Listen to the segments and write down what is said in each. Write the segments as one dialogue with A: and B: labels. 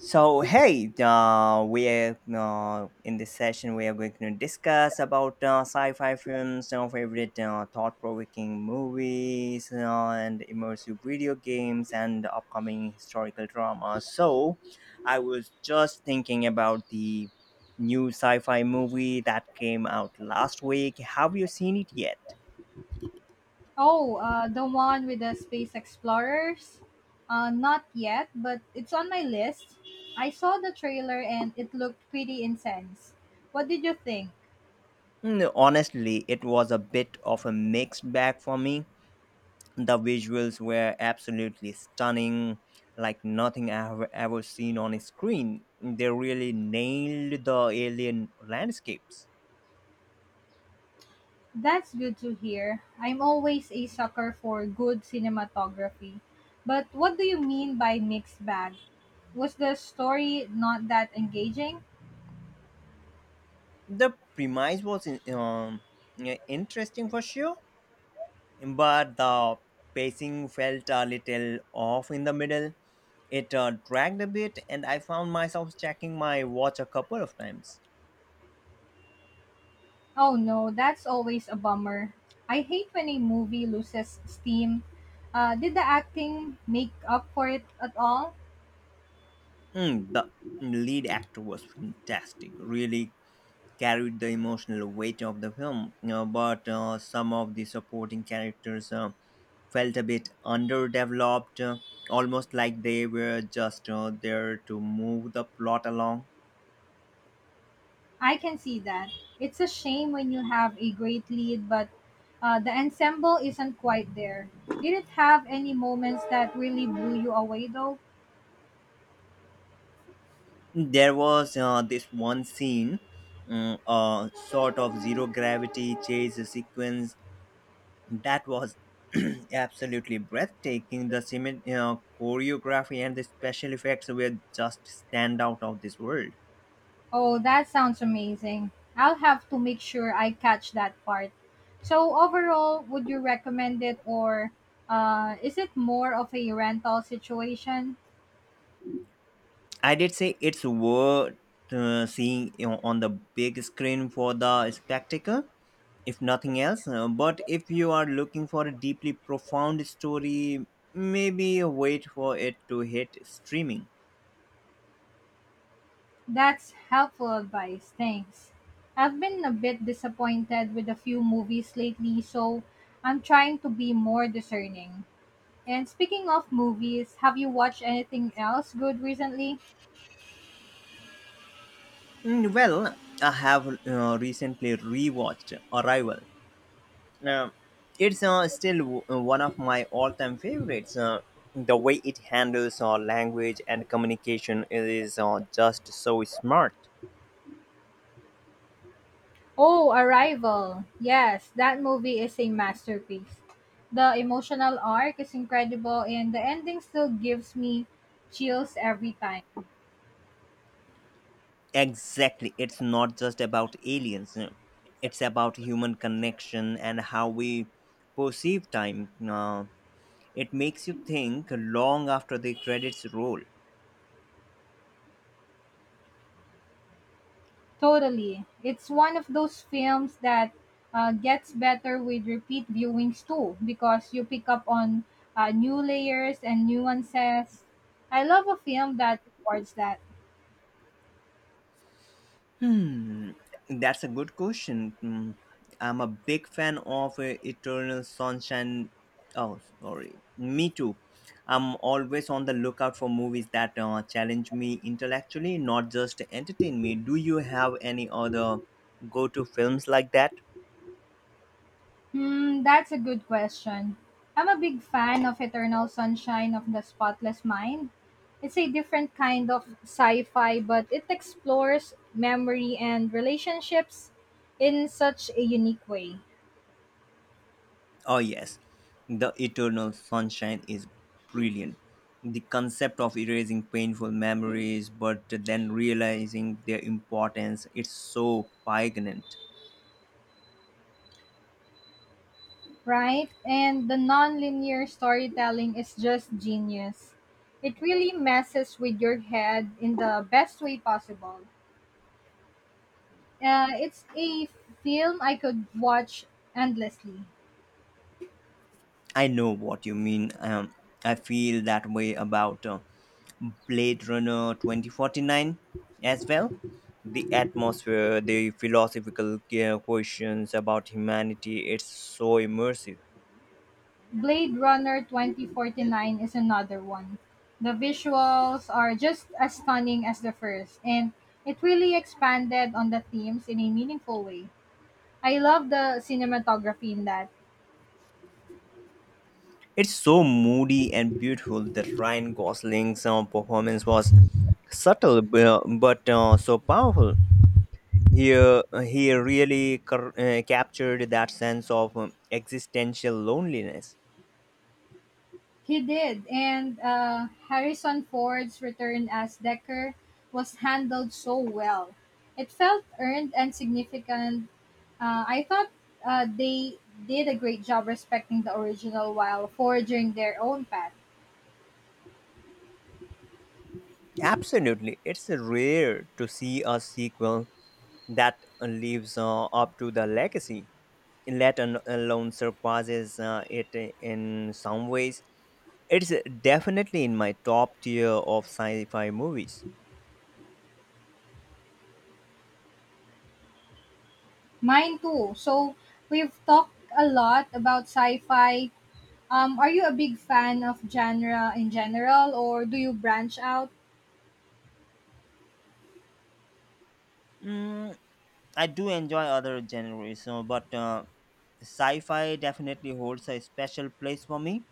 A: So hey, we are in this session. We are going to discuss about sci-fi films, our favorite thought-provoking movies, and immersive video games, and upcoming historical drama. I was just thinking about the new sci-fi movie that came out last week. Have you seen it yet?
B: Oh, the one with the space explorers? Not yet, but it's on my list. I saw the trailer and it looked pretty intense. What did you think?
A: Honestly, it was a bit of a mixed bag for me. The visuals were absolutely stunning, like nothing I have ever seen on a screen. They really nailed the alien landscapes.
B: That's good to hear. I'm always a sucker for good cinematography. But what do you mean by mixed bag? Was the story not that engaging?
A: The premise was interesting for sure, but the pacing felt a little off in the middle. It dragged a bit, and I found myself checking my watch a couple of times.
B: Oh no, that's always a bummer. I hate when a movie loses steam. Did the acting make up for it at all?
A: The lead actor was fantastic, really carried the emotional weight of the film, but some of the supporting characters felt a bit underdeveloped, almost like they were just there to move the plot along.
B: I can see that. It's a shame when you have a great lead, but the ensemble isn't quite there. Did it have any moments that really blew you away, though?
A: There was this one scene, a sort of zero gravity chase sequence that was absolutely breathtaking. The choreography and the special effects were just stand out of this world.
B: Oh, that sounds amazing. I'll have to make sure I catch that part. So, overall, would you recommend it, or is it more of a rental situation?
A: I did say it's worth seeing on the big screen for the spectacle, if nothing else. But if you are looking for a deeply profound story, maybe wait for it to hit streaming.
B: That's helpful advice, thanks. I've been a bit disappointed with a few movies lately, so I'm trying to be more discerning. And speaking of movies, have you watched anything else good recently?
A: Well, I have recently rewatched Arrival. Uh, it's still one of my all-time favorites. The way it handles language and communication is just so smart.
B: Oh, Arrival. Yes, that movie is a masterpiece. The emotional arc is incredible, and the ending still gives me chills every time.
A: Exactly. It's not just about aliens, it's about human connection and how we perceive time. It makes you think long after the credits roll.
B: Totally. It's one of those films that gets better with repeat viewings too, because you pick up on new layers and nuances. I love a film that rewards that.
A: Hmm, that's a good question. I'm a big fan of Eternal Sunshine. Oh, sorry. Me too. I'm always on the lookout for movies that challenge me intellectually, not just entertain me. Do you have any other go to films like that?
B: Hmm, that's a good question. I'm a big fan of Eternal Sunshine of the Spotless Mind. It's a different kind of sci fi, but it explores memory and relationships in such a unique way.
A: Oh, yes. The Eternal Sunshine is brilliant. The concept of erasing painful memories but then realizing their importance its so poignant.
B: Right? And the non-linear storytelling is just genius. It really messes with your head in the best way possible. It's a film I could watch endlessly.
A: I know what you mean. I feel that way about Blade Runner 2049 as well. The atmosphere, the philosophical questions about humanity, it's so immersive.
B: Blade Runner 2049 is another one. The visuals are just as stunning as the first, and it really expanded on the themes in a meaningful way. I love the cinematography in that.
A: It's so moody and beautiful that Ryan Gosling's performance was subtle but so powerful. He really captured that sense of existential loneliness.
B: He did, and Harrison Ford's return as Decker was handled so well. It felt earned and significant. I thought they did a great job respecting the original while forging their own path.
A: Absolutely. It's rare to see a sequel that lives up to the legacy, let alone surpasses it in some ways. It's definitely in my top tier of sci fi movies.
B: Mine too. So we've talked a lot about sci-fi. Are you a big fan of genre in general, or do you branch out?
A: Mm, I do enjoy other genres, so, but sci-fi definitely holds a special place for me.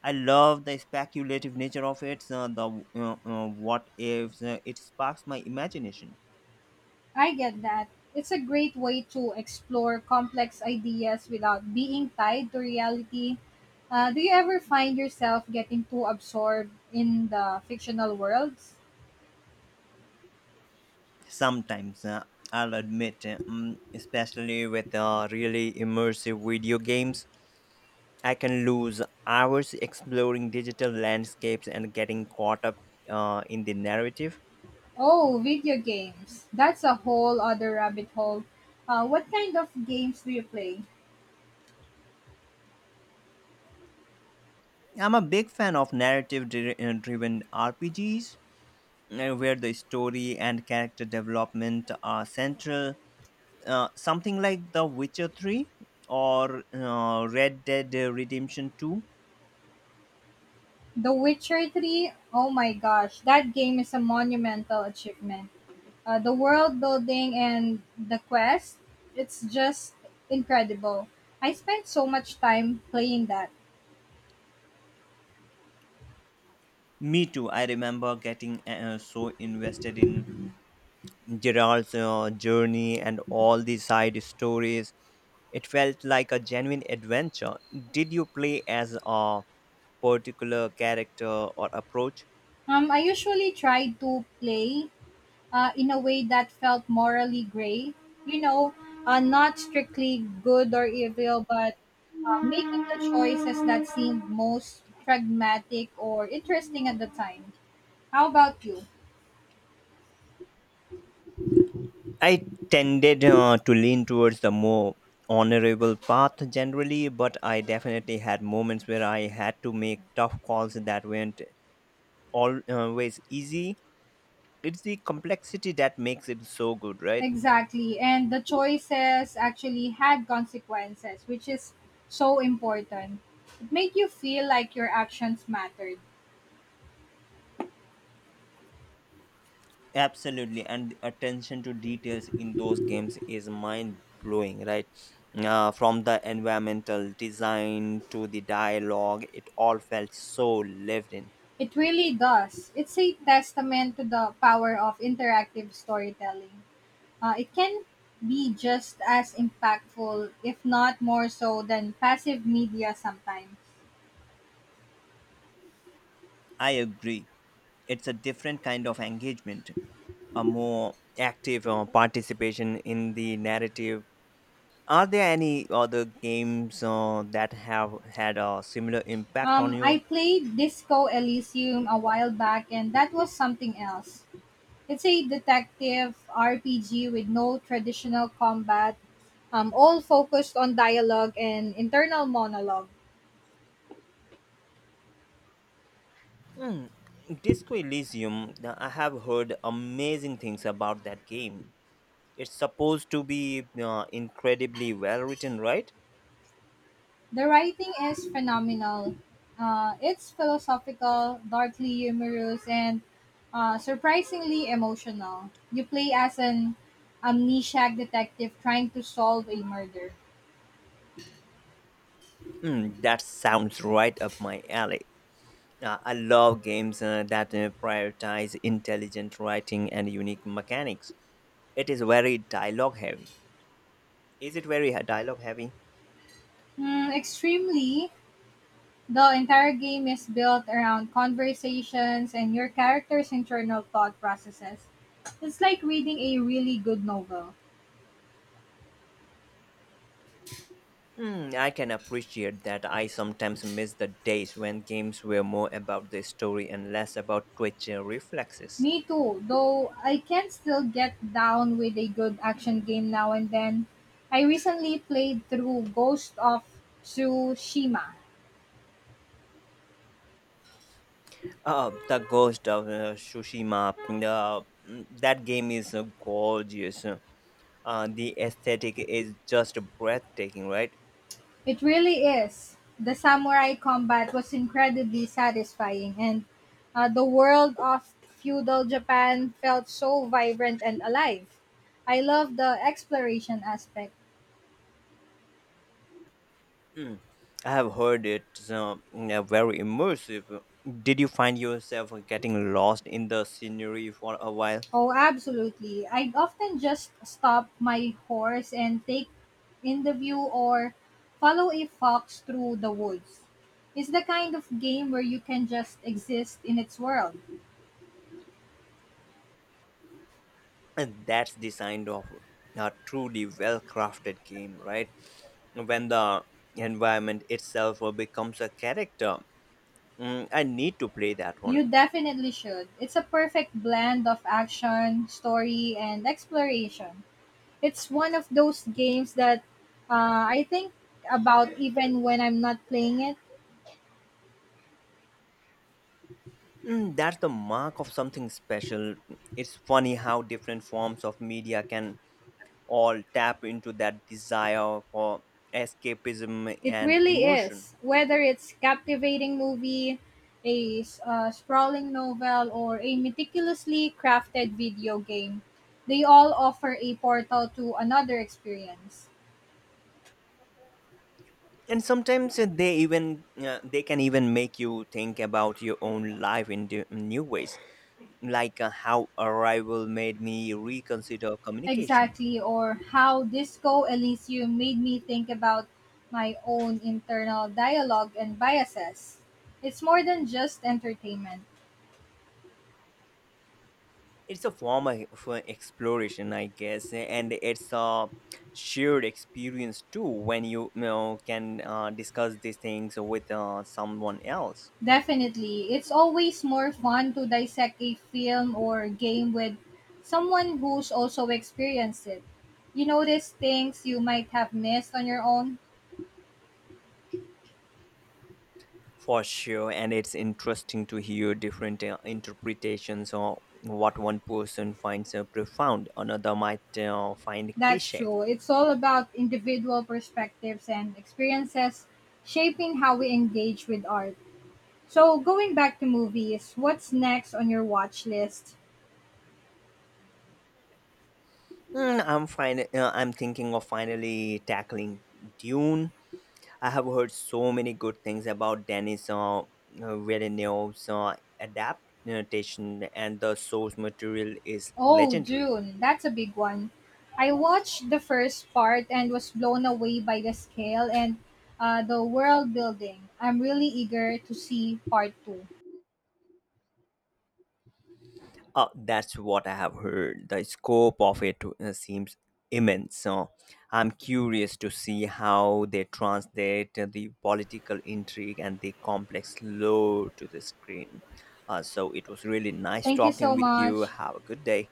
A: I love the speculative nature of it. The what ifs it sparks my imagination.
B: I get that. It's a great way to explore complex ideas without being tied to reality. Do you ever find yourself getting too absorbed in the fictional worlds?
A: Sometimes I'll admit, especially with really immersive video games, I can lose hours exploring digital landscapes and getting caught up in the narrative.
B: Oh, video games. That's a whole other rabbit hole. What kind of games do you play?
A: I'm a big fan of narrative-driven RPGs where the story and character development are central. Something like The Witcher 3 or Red Dead Redemption 2.
B: The Witcher Three. Oh my gosh, that game is a monumental achievement. The world building and the quest, it's just incredible. I spent so much time playing that.
A: Me too. I remember getting so invested in Gerald's journey and all the side stories. It felt like a genuine adventure. Did you play as a particular character or approach?
B: I usually try to play in a way that felt morally gray, you know, not strictly good or evil, but making the choices that seemed most pragmatic or interesting at the time. How about you?
A: I tended to lean towards the more honorable path generally, but I definitely had moments where I had to make tough calls that weren't always easy. It's the complexity that makes it so good, right?
B: Exactly. And the choices actually had consequences, which is so important. It made you feel like your actions mattered.
A: Absolutely, and attention to details in those games is mind blowing, right? From the environmental design to the dialogue, it all felt so lived in.
B: It really does. It's a testament to the power of interactive storytelling. It can be just as impactful, if not more so, than passive media sometimes.
A: I agree, it's a different kind of engagement, a more active participation in the narrative. Are there any other games that have had a similar impact on
B: I
A: you?
B: played Disco Elysium a while back, and that was something else. It's a detective RPG with no traditional combat, all focused on dialogue and internal monologue.
A: Hmm. Disco Elysium, I have heard amazing things about that game. It's supposed to be incredibly well written, right?
B: The writing is phenomenal. It's philosophical, darkly humorous, and surprisingly emotional. You play as an amnesiac detective trying to solve a murder.
A: That sounds right up my alley. I love games that prioritize intelligent writing and unique mechanics. It is very dialogue heavy. Is it very dialogue heavy?
B: Hmm, extremely. The entire game is built around conversations and your character's internal thought processes. It's like reading a really good novel.
A: I can appreciate that. I sometimes miss the days when games were more about the story and less about twitching reflexes.
B: Me too, though I can still get down with a good action game now and then. I recently played through Ghost of Tsushima.
A: The Ghost of Tsushima, that game is gorgeous. The aesthetic is just breathtaking, right?
B: It really is. The samurai combat was incredibly satisfying, and the world of feudal Japan felt so vibrant and alive. I love the exploration aspect.
A: Mm. I have heard it. Very immersive. Did you find yourself getting lost in the scenery for a while?
B: Oh, absolutely. I'd often just stop my horse and take in the view or follow a fox through the woods. It's the kind of game where you can just exist in its world.
A: And that's the sign of a truly well crafted game, right? When the environment itself becomes a character. I need to play that
B: You
A: one.
B: definitely should. It's a perfect blend of action, story, and exploration. It's one of those games that I think about even when I'm not playing it.
A: That's the mark of something special. It's funny how different forms of media can all tap into that desire for escapism
B: It
A: and
B: really
A: emotion.
B: is. Whether it's captivating movie, a sprawling novel, or a meticulously crafted video game, they all offer a portal to another experience.
A: And sometimes they can even make you think about your own life in new ways, like how arrival made me reconsider communication.
B: Exactly, or how Disco Elysium made me think about my own internal dialogue and biases. It's more than just entertainment.
A: It's a form of exploration, I guess, and it's a shared experience too, when you know can discuss these things with someone else.
B: Definitely, it's always more fun to dissect a film or game with someone who's also experienced it. You notice things you might have missed on your own.
A: For sure, and it's interesting to hear different interpretations, or what one person finds profound another might find
B: That's
A: cliche.
B: true. It's all about individual perspectives and experiences shaping how we engage with art. So going back to movies, what's next on your watch list?
A: I'm thinking of finally tackling dune. I have heard so many good things about Dennis Villeneuve's adaptation, and the source material is
B: Oh,
A: legendary.
B: Dune. That's a big one. I watched the first part and was blown away by the scale and the world building. I'm really eager to see part two.
A: That's what I have heard. The scope of it seems immense. So I'm curious to see how they translate the political intrigue and the complex lore to the screen. So it was really nice
B: Thank you
A: talking
B: so
A: with you.
B: much.
A: Have a good day.